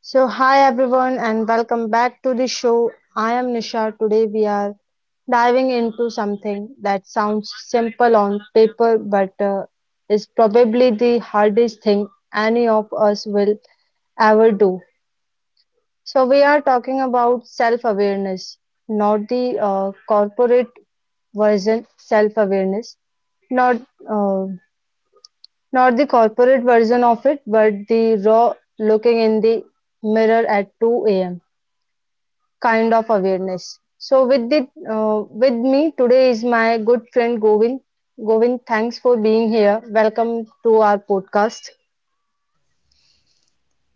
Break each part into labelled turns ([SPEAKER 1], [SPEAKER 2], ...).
[SPEAKER 1] So, hi everyone, and welcome back to the show. I am Nisha. Today, we are diving into something that sounds simple on paper but is probably the hardest thing any of us will ever do. So, we are talking about self awareness, not the corporate version self awareness, not uh, not the corporate version of it, but the raw looking in the mirror at 2 a.m. kind of awareness. So with me today is my good friend Govind. Govind, thanks for being here. Welcome to our podcast.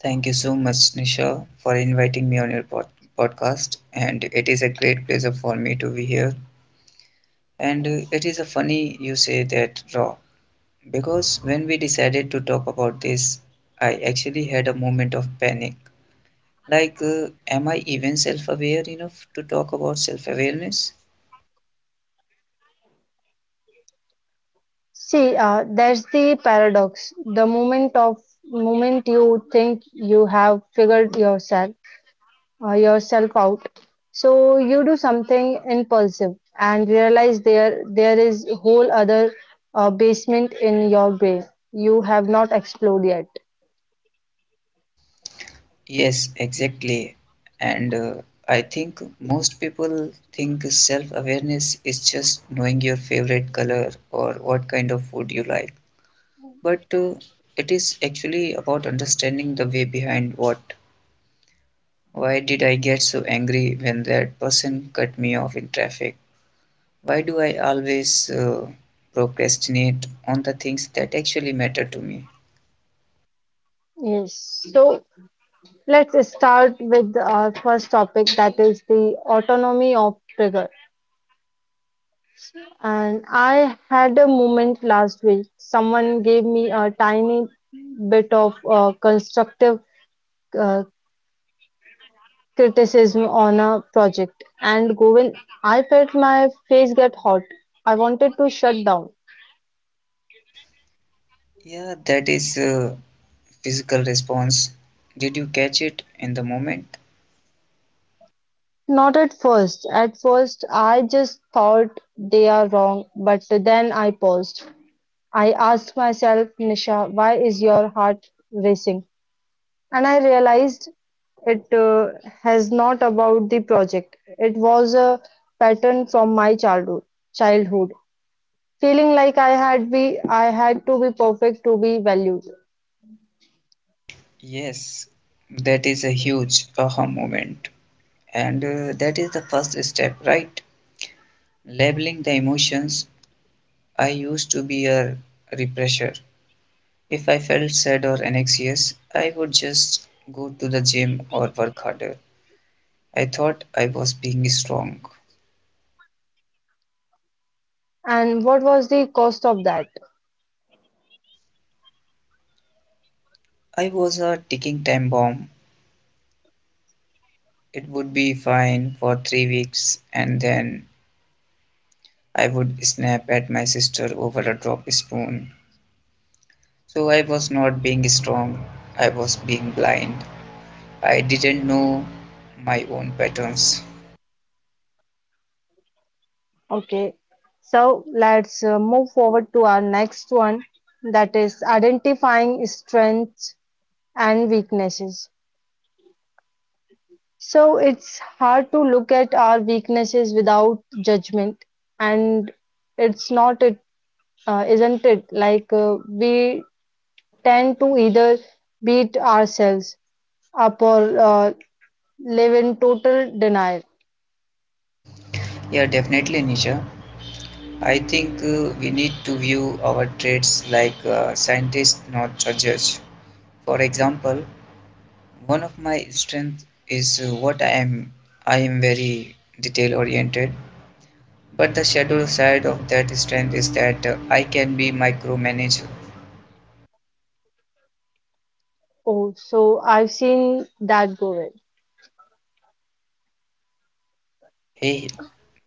[SPEAKER 2] Thank you so much, Nisha, for inviting me on your podcast. And it is a great pleasure for me to be here. And it is a funny you say that raw, because when we decided to talk about this, I actually had a moment of panic. Like, am I even self aware enough to talk about self awareness?
[SPEAKER 1] See, there's the paradox. The moment of moment you think you have figured yourself out, so you do something impulsive and realize there is whole other basement in your brain you have not explored yet.
[SPEAKER 2] Yes, exactly. And I think most people think self awareness is just knowing your favorite color or what kind of food you like, but it is actually about understanding the way behind what. Why did I get so angry when that person cut me off in traffic? Why do I always procrastinate on the things that actually matter to me?
[SPEAKER 1] Yes. So, let's start with our first topic, that is the autonomy of trigger. And I had a moment last week. Someone gave me a tiny bit of constructive uh, criticism on a project, and Govind, I felt my face get hot. I wanted to shut down.
[SPEAKER 2] Yeah, that is a physical response. Did you catch it in the moment?
[SPEAKER 1] Not at first. At first, I just thought they are wrong, but then I paused. I asked myself, Nisha, why is your heart racing? And I realized it has not about the project. It was a pattern from my childhood. Childhood feeling like I had to be perfect to be valued.
[SPEAKER 2] Yes, that is a huge aha moment. And that is the first step, right? Labeling the emotions. I used to be a repressor. If I felt sad or anxious, I would just go to the gym or work harder. I thought I was being strong.
[SPEAKER 1] And what was the cost of that?
[SPEAKER 2] I was a ticking time bomb. It would be fine for three weeks, and then I would snap at my sister over a drop spoon. So I was not being strong, I was being blind. I didn't know my own patterns.
[SPEAKER 1] Okay, so let's move forward to our next one, that is identifying strengths and weaknesses. So it's hard to look at our weaknesses without judgment, and it's not a isn't it? Like we tend to either beat ourselves up or live in total denial.
[SPEAKER 2] Yeah, definitely, Nisha. I think we need to view our traits like scientists, not judges. For example, one of my strengths is what I am. I am very detail oriented, but the shadow side of that strength is that I can be micromanage.
[SPEAKER 1] Oh, so I've seen that go well.
[SPEAKER 2] Hey,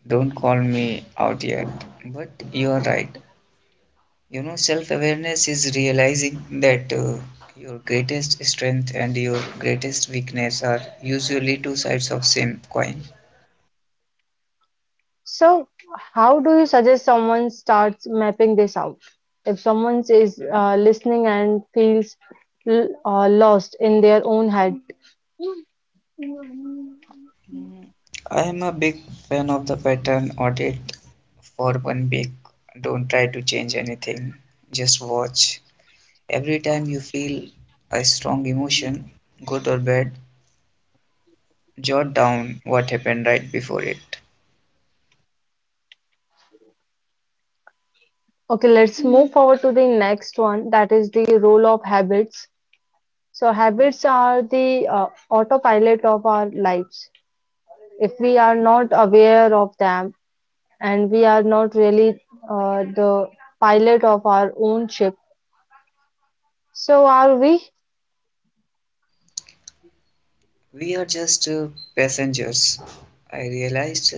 [SPEAKER 2] don't call me out yet. But you are right. You know, self-awareness is realizing that your greatest strength and your greatest weakness are usually two sides of same coin.
[SPEAKER 1] So, how do you suggest someone starts mapping this out? If someone is listening and feels lost in their own head.
[SPEAKER 2] I am a big fan of the pattern audit for one week. Don't try to change anything, just watch. Every time you feel a strong emotion, good or bad, jot down what happened right before it.
[SPEAKER 1] Okay, let's move forward to the next one. That is the role of habits. So, habits are the autopilot of our lives if we are not aware of them, and we are not really the pilot of our own ship, so are we?
[SPEAKER 2] We are just passengers. I realized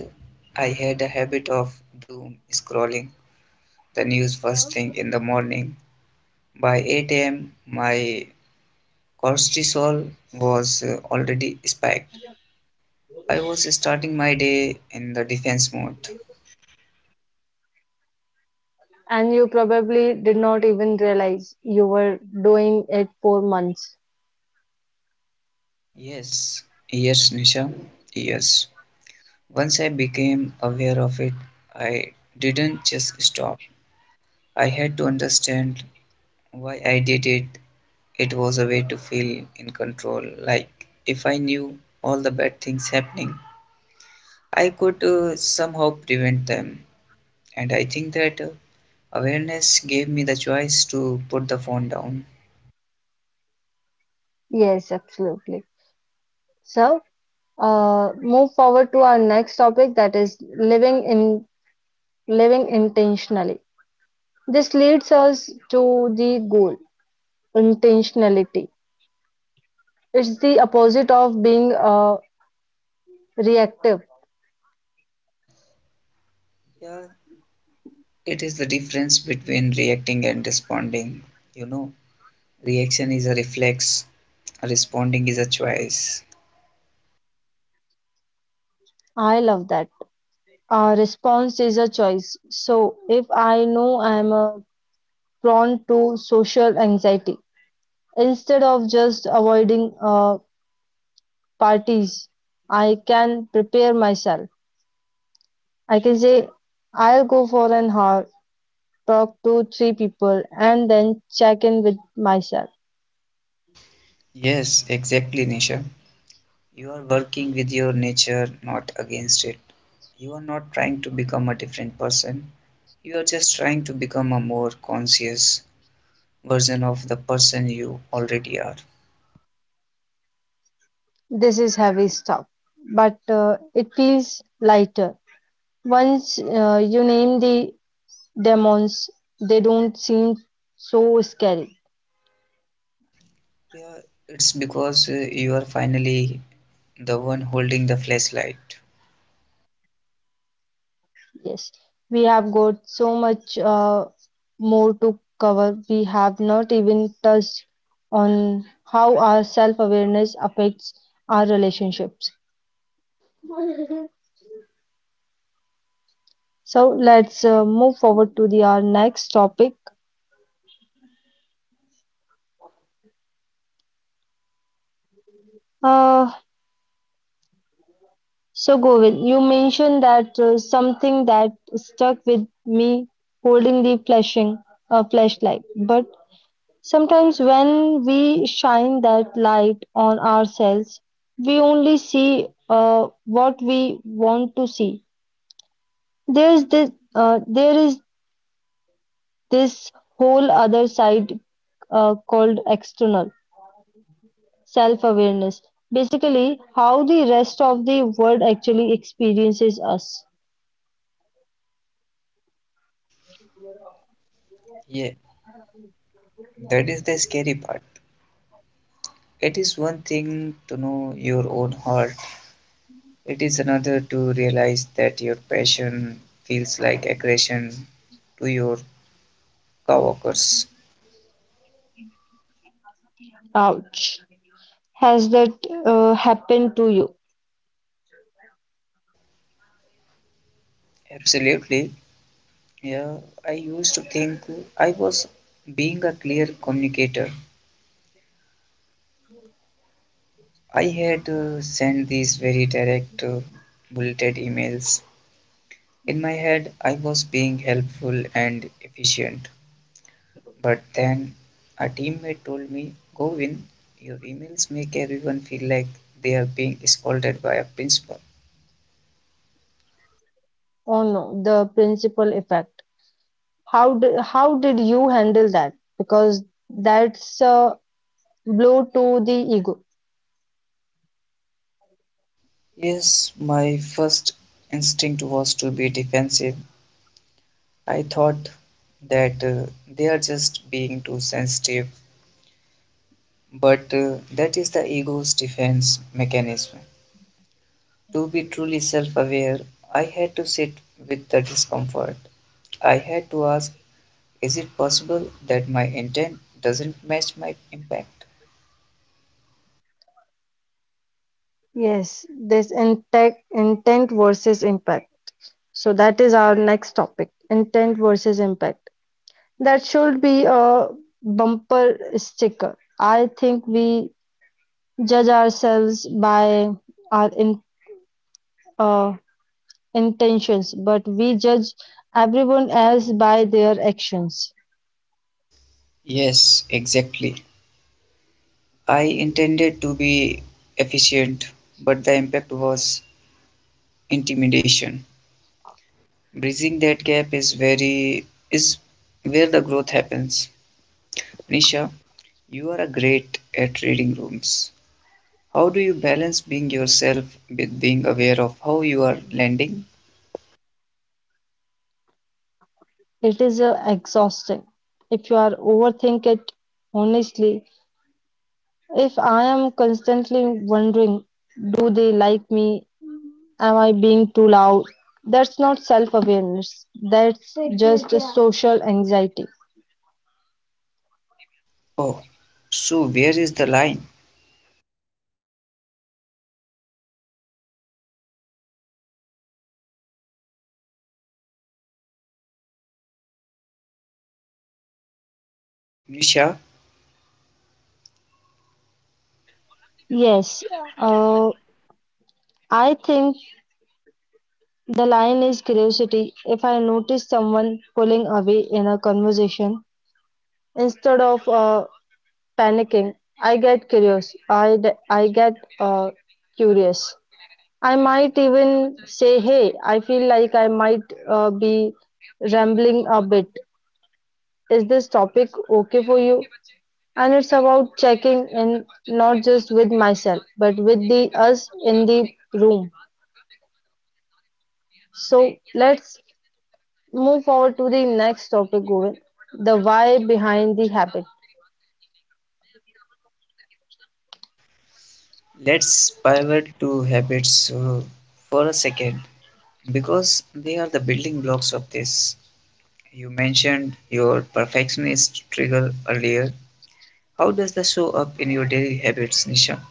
[SPEAKER 2] I had a habit of doom scrolling the news first thing in the morning. By 8 a.m., my cortisol was already spiked. I was starting my day in the defense mode.
[SPEAKER 1] And you probably did not even realize you were doing it for months.
[SPEAKER 2] Yes, yes, Nisha, yes. Once I became aware of it, I didn't just stop. I had to understand why I did it. It was a way to feel in control, like if I knew all the bad things happening, I could somehow prevent them. And I think that awareness gave me the choice to put the phone down.
[SPEAKER 1] Yes, absolutely. So, move forward to our next topic that is living intentionally. This leads us to the goal, intentionality. It's the opposite of being reactive.
[SPEAKER 2] Yeah, it is the difference between reacting and responding. You know, reaction is a reflex, responding is a choice.
[SPEAKER 1] I love that. A response is a choice. So, if I know I am prone to social anxiety, instead of just avoiding parties, I can prepare myself. I can say, I'll go for an hour, talk to three people, and then check in with myself.
[SPEAKER 2] Yes, exactly, Nisha. You are working with your nature, not against it. You are not trying to become a different person. You are just trying to become a more conscious version of the person you already are.
[SPEAKER 1] This is heavy stuff, but it feels lighter. Once you name the demons, they don't seem so scary.
[SPEAKER 2] Yeah, it's because you are finally the one holding the flashlight.
[SPEAKER 1] Yes, we have got so much more to cover. We have not even touched on how our self-awareness affects our relationships. So let's move forward to the our next topic. Uh, so Govind, you mentioned that something that stuck with me, holding the flashing flashlight. But sometimes, when we shine that light on ourselves, we only see what we want to see. There is this whole other side called external self awareness. Basically, how the rest of the world actually experiences us.
[SPEAKER 2] Yeah, that is the scary part. It is one thing to know your own heart, it is another to realize that your passion feels like aggression to your coworkers.
[SPEAKER 1] Ouch. Has that happened to you?
[SPEAKER 2] Absolutely. Yeah, I used to think I was being a clear communicator. I had sent these very direct, bulleted emails. In my head, I was being helpful and efficient. But then a teammate told me, Govin, your emails make everyone feel like they are being scolded by a principal.
[SPEAKER 1] Oh no, the principal effect. How did you handle that, because that's a blow to the ego.
[SPEAKER 2] Yes, my first instinct was to be defensive. I thought that they are just being too sensitive. But that is the ego's defense mechanism. To be truly self aware, I had to sit with the discomfort. I had to ask, is it possible that my intent doesn't match my impact?
[SPEAKER 1] Yes, this intent versus impact. So that is our next topic, intent versus impact. That should be a bumper sticker. I think we judge ourselves by our uh, intentions, but we judge everyone else by their actions.
[SPEAKER 2] Yes, exactly. I intended to be efficient, but the impact was intimidation. Bridging that gap is where the growth happens. Nisha, you are great at reading rooms. How do you balance being yourself with being aware of how you are landing?
[SPEAKER 1] It is exhausting. If you are overthink it, honestly, if I am constantly wondering, do they like me? Am I being too loud? That's not self awareness. That's just a social anxiety.
[SPEAKER 2] Oh, so where is the line? Nisha,
[SPEAKER 1] Yes, uh, I think the line is curiosity. If I notice someone pulling away in a conversation, instead of panicking, I get curious. I get uh, curious. I might even say, Hey, I feel like I might be rambling a bit. Is this topic okay for you? And it's about checking in not just with myself, but with the us in the room. So let's move forward to the next topic, Govind, the why behind the habit.
[SPEAKER 2] let's pivot to habits for a second, because they are the building blocks of this. You mentioned your perfectionist trigger earlier. How does that show up in your daily habits, Nisha?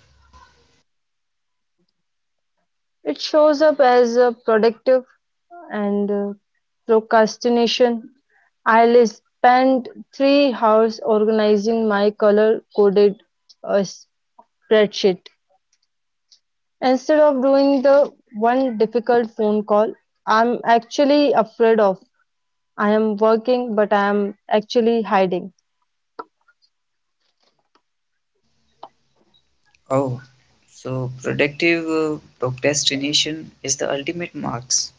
[SPEAKER 1] It shows up as a productive and procrastination. I'll spend 3 hours organizing my color coded uh, spreadsheet. Instead of doing the one difficult phone call I'm actually afraid of. I am working, but I am actually hiding.
[SPEAKER 2] Oh, so productive procrastination is the ultimate marks.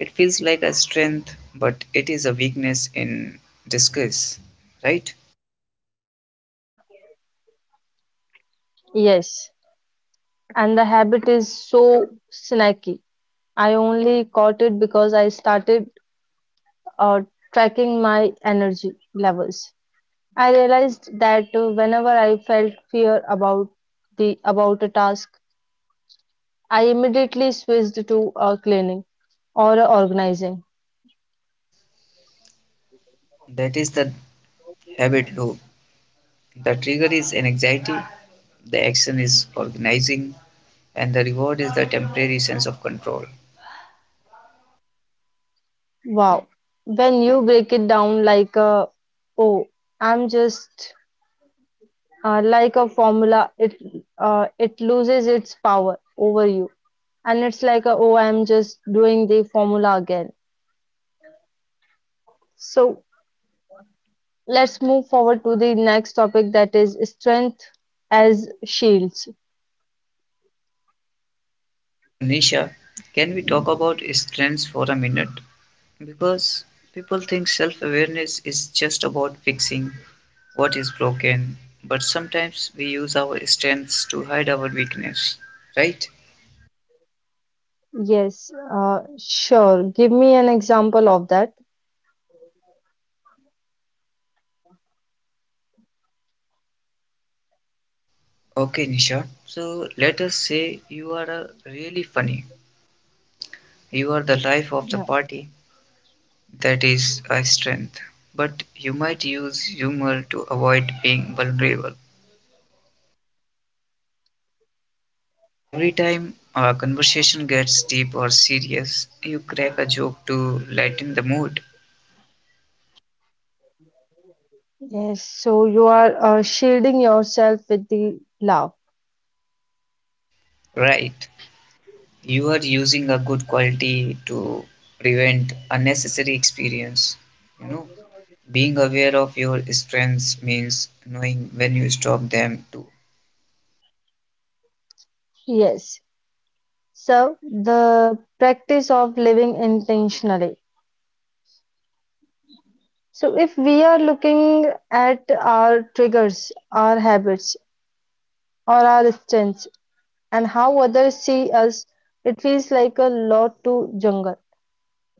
[SPEAKER 2] It feels like a strength, but it is a weakness in disguise, right?
[SPEAKER 1] Yes. And the habit is so snacky. I only caught it because I started uh, tracking my energy levels. I realized that whenever I felt fear about the about a task, I immediately switched to cleaning or organizing.
[SPEAKER 2] That is the habit loop. The trigger is an anxiety, the action is organizing, and the reward is the temporary sense of control.
[SPEAKER 1] Wow. When you break it down like a oh, I'm just like a formula, it loses its power over you, and it's like a, oh, I'm just doing the formula again. So let's move forward to the next topic that is strength as shields.
[SPEAKER 2] So, Nisha, can we talk about strengths for a minute? Because people think self awareness is just about fixing what is broken, but sometimes we use our strengths to hide our weakness, right?
[SPEAKER 1] Yes, sure. Give me an example of that.
[SPEAKER 2] Okay, Nisha. So, let us say you are a really funny. You are the life of the
[SPEAKER 1] Yeah.
[SPEAKER 2] party. That is a strength. But you might use humor to avoid being vulnerable. Every time a conversation gets deep or serious, you crack a joke to lighten the mood.
[SPEAKER 1] Yes, so you are shielding yourself with the love.
[SPEAKER 2] Right. You are using a good quality to prevent unnecessary experience. You know, being aware of your strengths means knowing when you stop them too.
[SPEAKER 1] Yes. So the practice of living intentionally. So if we are looking at our triggers, our habits, or our strengths, and how others see us, it feels like a lot to jungle.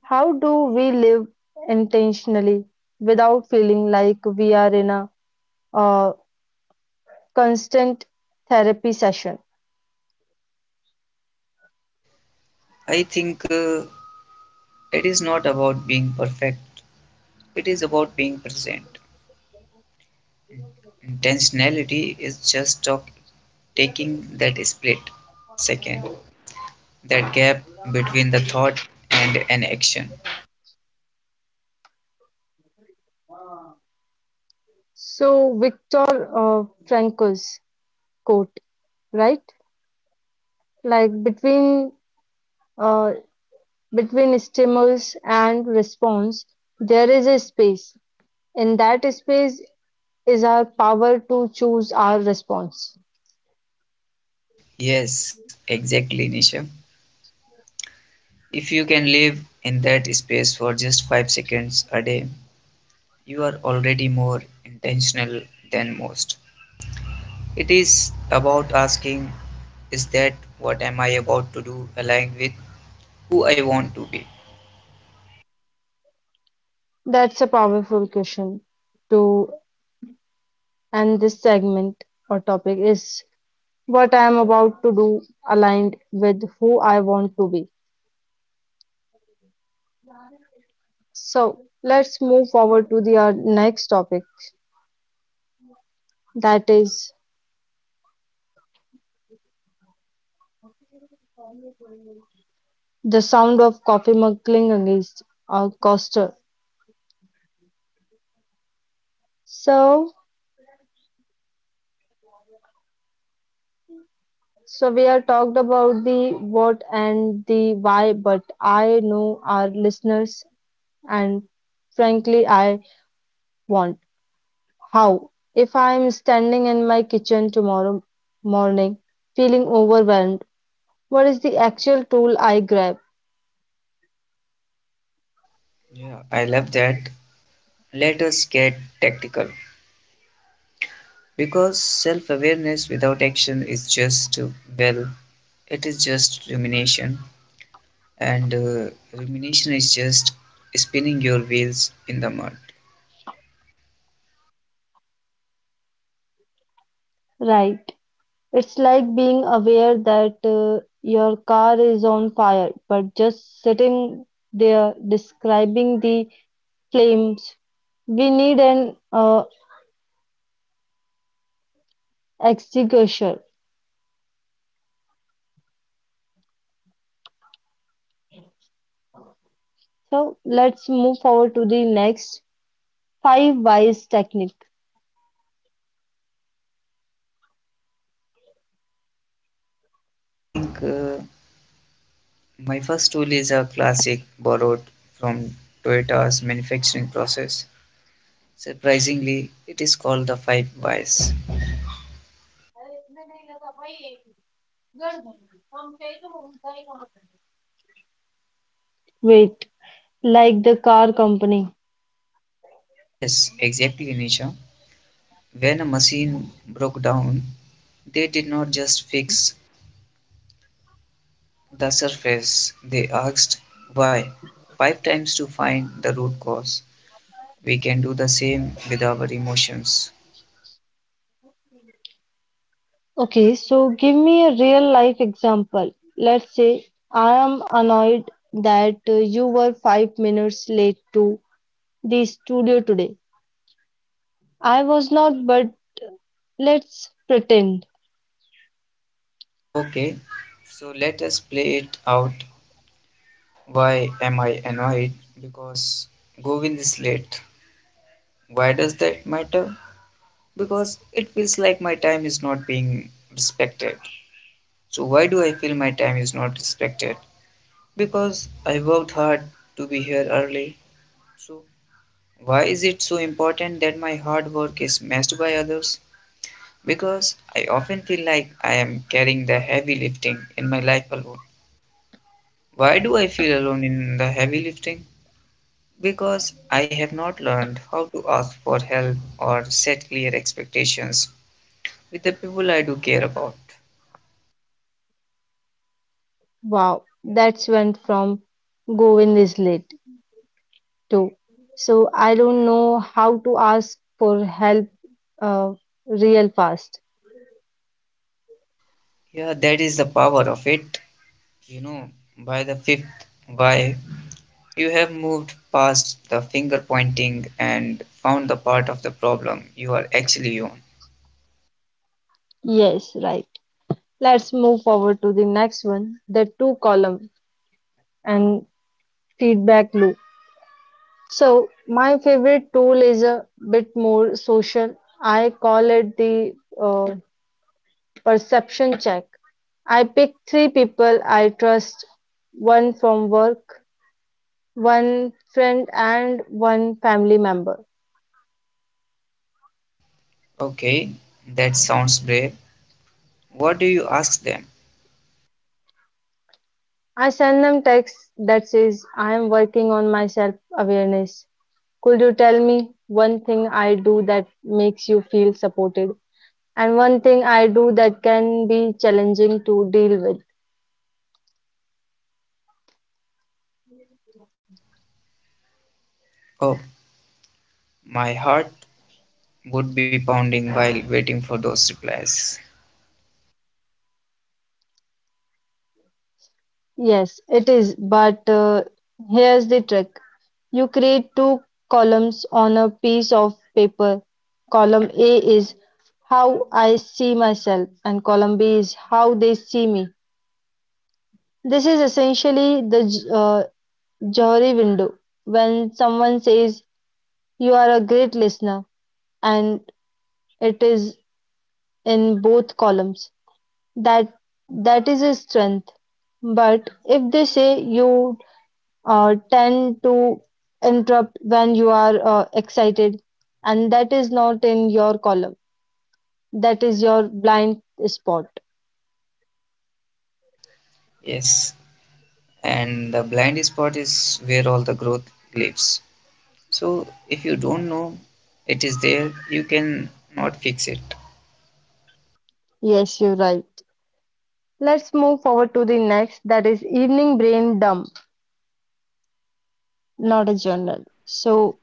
[SPEAKER 1] How do we live intentionally without feeling like we are in a uh, constant therapy session.
[SPEAKER 2] I think it is not about being perfect, it is about being present. Intentionality is just talk, taking that split second, that gap between the thought and an action.
[SPEAKER 1] So Viktor Frankl's quote, right? Like uh, between stimulus and response, there is a space. In that space is our power to choose our response.
[SPEAKER 2] Yes, exactly, Nisha. If you can live in that space for just five seconds a day, you are already more intentional than most. It is about asking, is that, what am I about to do aligned with who I want to be?
[SPEAKER 1] That's a powerful question to end this segment or topic, is what I am about to do aligned with who I want to be. So let's move forward to the next topic, that is the sound of coffee mug clinking against a coaster. So, so, we have talked about the what and the why, but I know our listeners, and frankly, I want how. If I am standing in my kitchen tomorrow morning, feeling overwhelmed, what is the actual tool I grab?
[SPEAKER 2] Yeah, I love that. Let us get tactical. Because self awareness without action is just, well, it is just rumination, and rumination is just spinning your wheels in the mud.
[SPEAKER 1] Right. It's like being aware that your car is on fire, but just sitting there describing the flames. We need an extinguisher. So let's move forward to the next five wise technique.
[SPEAKER 2] I think my first tool is a classic borrowed from Toyota's manufacturing process. Surprisingly, it is called the five whys.
[SPEAKER 1] Wait, like the car company.
[SPEAKER 2] Yes, exactly, Nisha. When a machine broke down, they did not just fix the surface. They asked why five times to find the root cause. We can do the same with our emotions.
[SPEAKER 1] Okay, so give me a real life example. Let's say I am annoyed that you were 5 minutes late to the studio today. I was not, but let's pretend.
[SPEAKER 2] Okay, so let us play it out. Why am I annoyed? Because Govind is late. Why does that matter? Because it feels like my time is not being respected. So, why do I feel my time is not respected? Because I worked hard to be here early. So, why is it so important that my hard work is matched by others? Because I often feel like I am carrying the heavy lifting in my life alone. Why do I feel alone in the heavy lifting? Because I have not learned how to ask for help or set clear expectations with the people I do care about.
[SPEAKER 1] Wow, that's went from Govind is late to. So I don't know how to ask for help, uh, real fast.
[SPEAKER 2] Yeah, that is the power of it. You know, by the fifth why, you have moved past the finger pointing and found the part of the problem you are actually on.
[SPEAKER 1] Yes, right. Let's move forward to the next one, the two column and feedback loop. So my favorite tool is a bit more social. I call it the uh, perception check. I pick three people I trust, one from work, one friend, and one family member.
[SPEAKER 2] Okay, that sounds brave. What do you ask them?
[SPEAKER 1] I send them text that says I am working on my self awareness. Could you tell me one thing I do that makes you feel supported, and one thing I do that can be challenging to deal with?
[SPEAKER 2] Oh, my heart would be pounding while waiting for those replies.
[SPEAKER 1] Yes, it is, but here's the trick. You create two columns on a piece of paper. Column A is how I see myself and column B is how they see me. This is essentially the Johri window. When someone says you are a great listener and it is in both columns, That that is a strength. But if they say you tend to interrupt when you are excited and that is not in your column, that is your blind spot.
[SPEAKER 2] Yes, and the blind spot is where all the growth lives. So if you don't know it is there, you can not fix it.
[SPEAKER 1] Yes, you're right. Let's move forward to the next, that is evening brain dump, not a journal. So,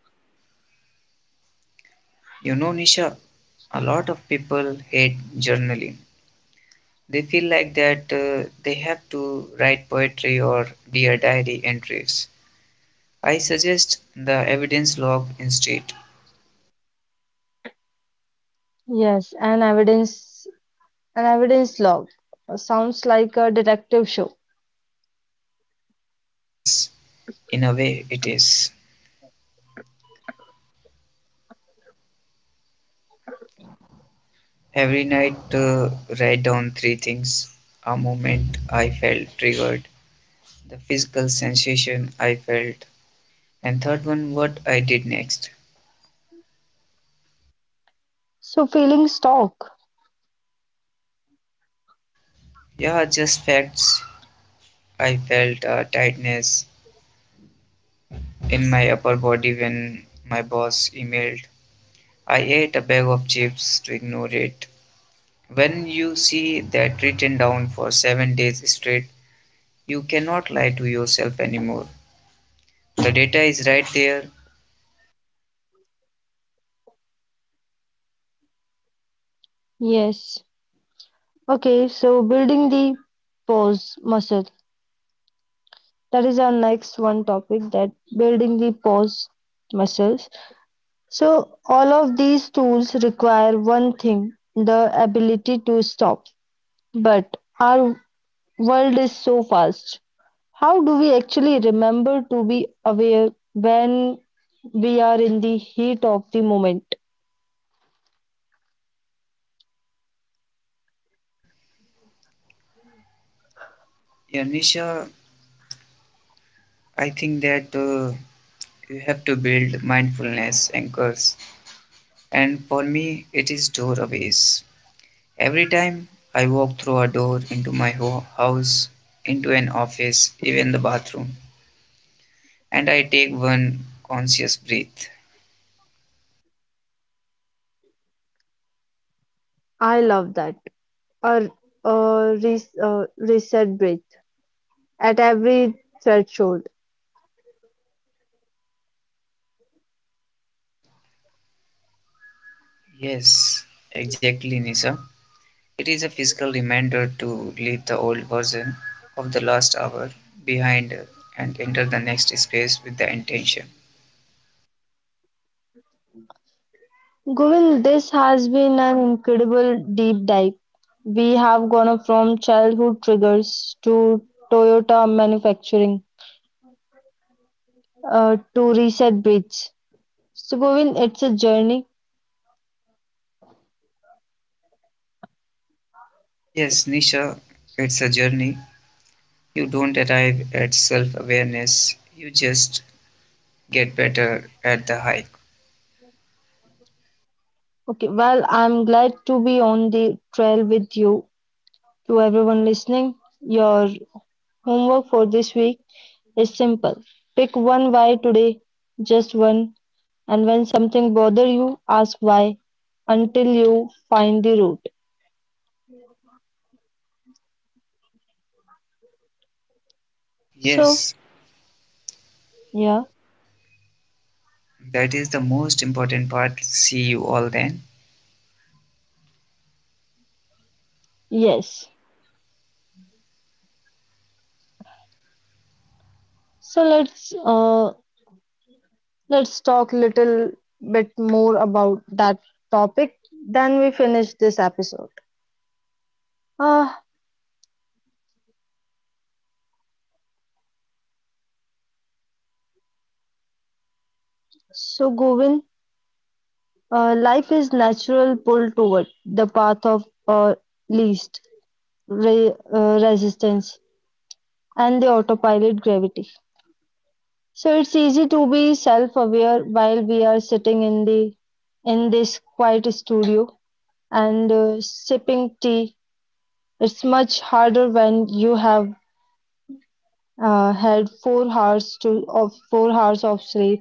[SPEAKER 2] You know, Nisha, a lot of people hate journaling. They feel like that they have to write poetry or dear diary entries. I suggest the evidence log instead.
[SPEAKER 1] yes, an evidence log sounds like a detective show.
[SPEAKER 2] Yes, in a way it is. Every night, write down three things: a moment I felt triggered, the physical sensation I felt, and third one, what I did next.
[SPEAKER 1] So, feelings talk.
[SPEAKER 2] Yeah, just facts. I felt a tightness in my upper body when my boss emailed. I ate a bag of chips to ignore it. When you see that written down for seven days straight, you cannot lie to yourself anymore. The data is right there.
[SPEAKER 1] Yes. Okay, so building the pause muscle. That is our next one topic, that building the pause muscles. So, all of these tools require one thing, the ability to stop. But our world is so fast. How do we actually remember to be aware when we are in the heat of the moment.
[SPEAKER 2] Yeah, Nisha, I think that you have to build mindfulness anchors. And for me, it is doorways. Every time I walk through a door into my house, into an office, even the bathroom, and I take one conscious breath.
[SPEAKER 1] I love that. A, a reset breath at every threshold.
[SPEAKER 2] Yes, exactly, Nisha. It is a physical reminder to leave the old version of the last hour behind and enter the next space with the intention.
[SPEAKER 1] Govil, this has been an incredible deep dive. We have gone from childhood triggers to Toyota manufacturing, to reset breeds. So, Govil, it's a journey.
[SPEAKER 2] Yes, Nisha, it's a journey. You don't arrive at self awareness, you just get better at the hike.
[SPEAKER 1] Okay, well, I'm glad to be on the trail with you. To everyone listening, your homework for this week is simple. Pick one why today, just one, and when something bother you, ask why until you find the root. So,
[SPEAKER 2] Yes,
[SPEAKER 1] yeah,
[SPEAKER 2] that is the most important part. See you all then.
[SPEAKER 1] yes. So let's talk little bit more about that topic, then we finish this episode. Ah, so Govind, life is natural pull toward the path of least resistance and the autopilot gravity. So it's easy to be self-aware while we are sitting in the in this quiet studio and sipping tea. It's much harder when you have had 4 hours to of 4 hours of sleep.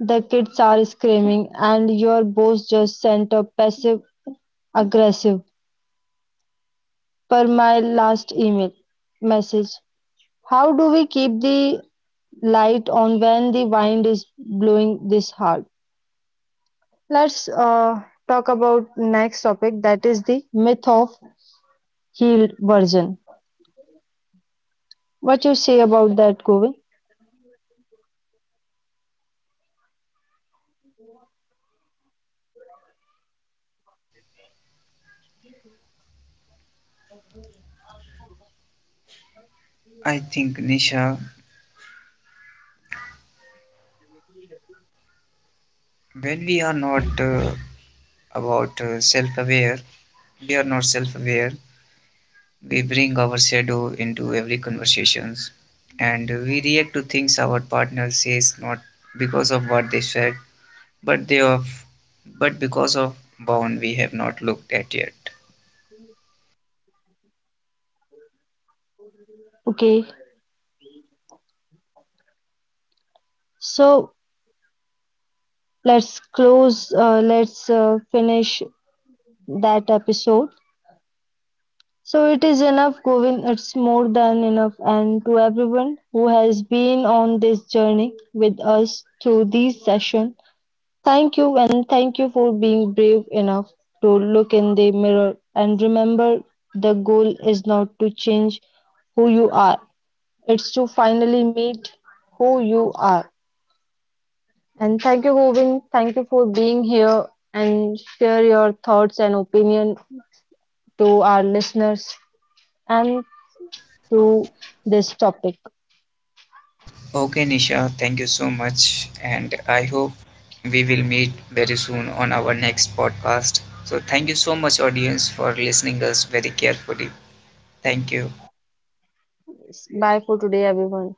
[SPEAKER 1] The kids are screaming, and your boss just sent a passive aggressive per my last email message. How do we keep the light on when the wind is blowing this hard? Let's talk about next topic, that is the myth of healed version. What you say about that, Govind?
[SPEAKER 2] I think, Nisha, when we are not about self aware, we are not self aware. We bring our shadow into every conversations and we react to things our partner says, not because of what they said, but they of but because of bound we have not looked at yet.
[SPEAKER 1] Okay, so let's close. Let's finish that episode. So it is enough, Govind. It's more than enough. And to everyone who has been on this journey with us through this session, thank you, and thank you for being brave enough to look in the mirror and remember the goal is not to change who you are, it's to finally meet who you are. And thank you, Govind. Thank you for being here and share your thoughts and opinion to our listeners and to this topic.
[SPEAKER 2] Okay, Nisha, thank you so much. And I hope we will meet very soon on our next podcast. So, thank you so much, audience, for listening us very carefully. Thank you.
[SPEAKER 1] Bye for today, everyone.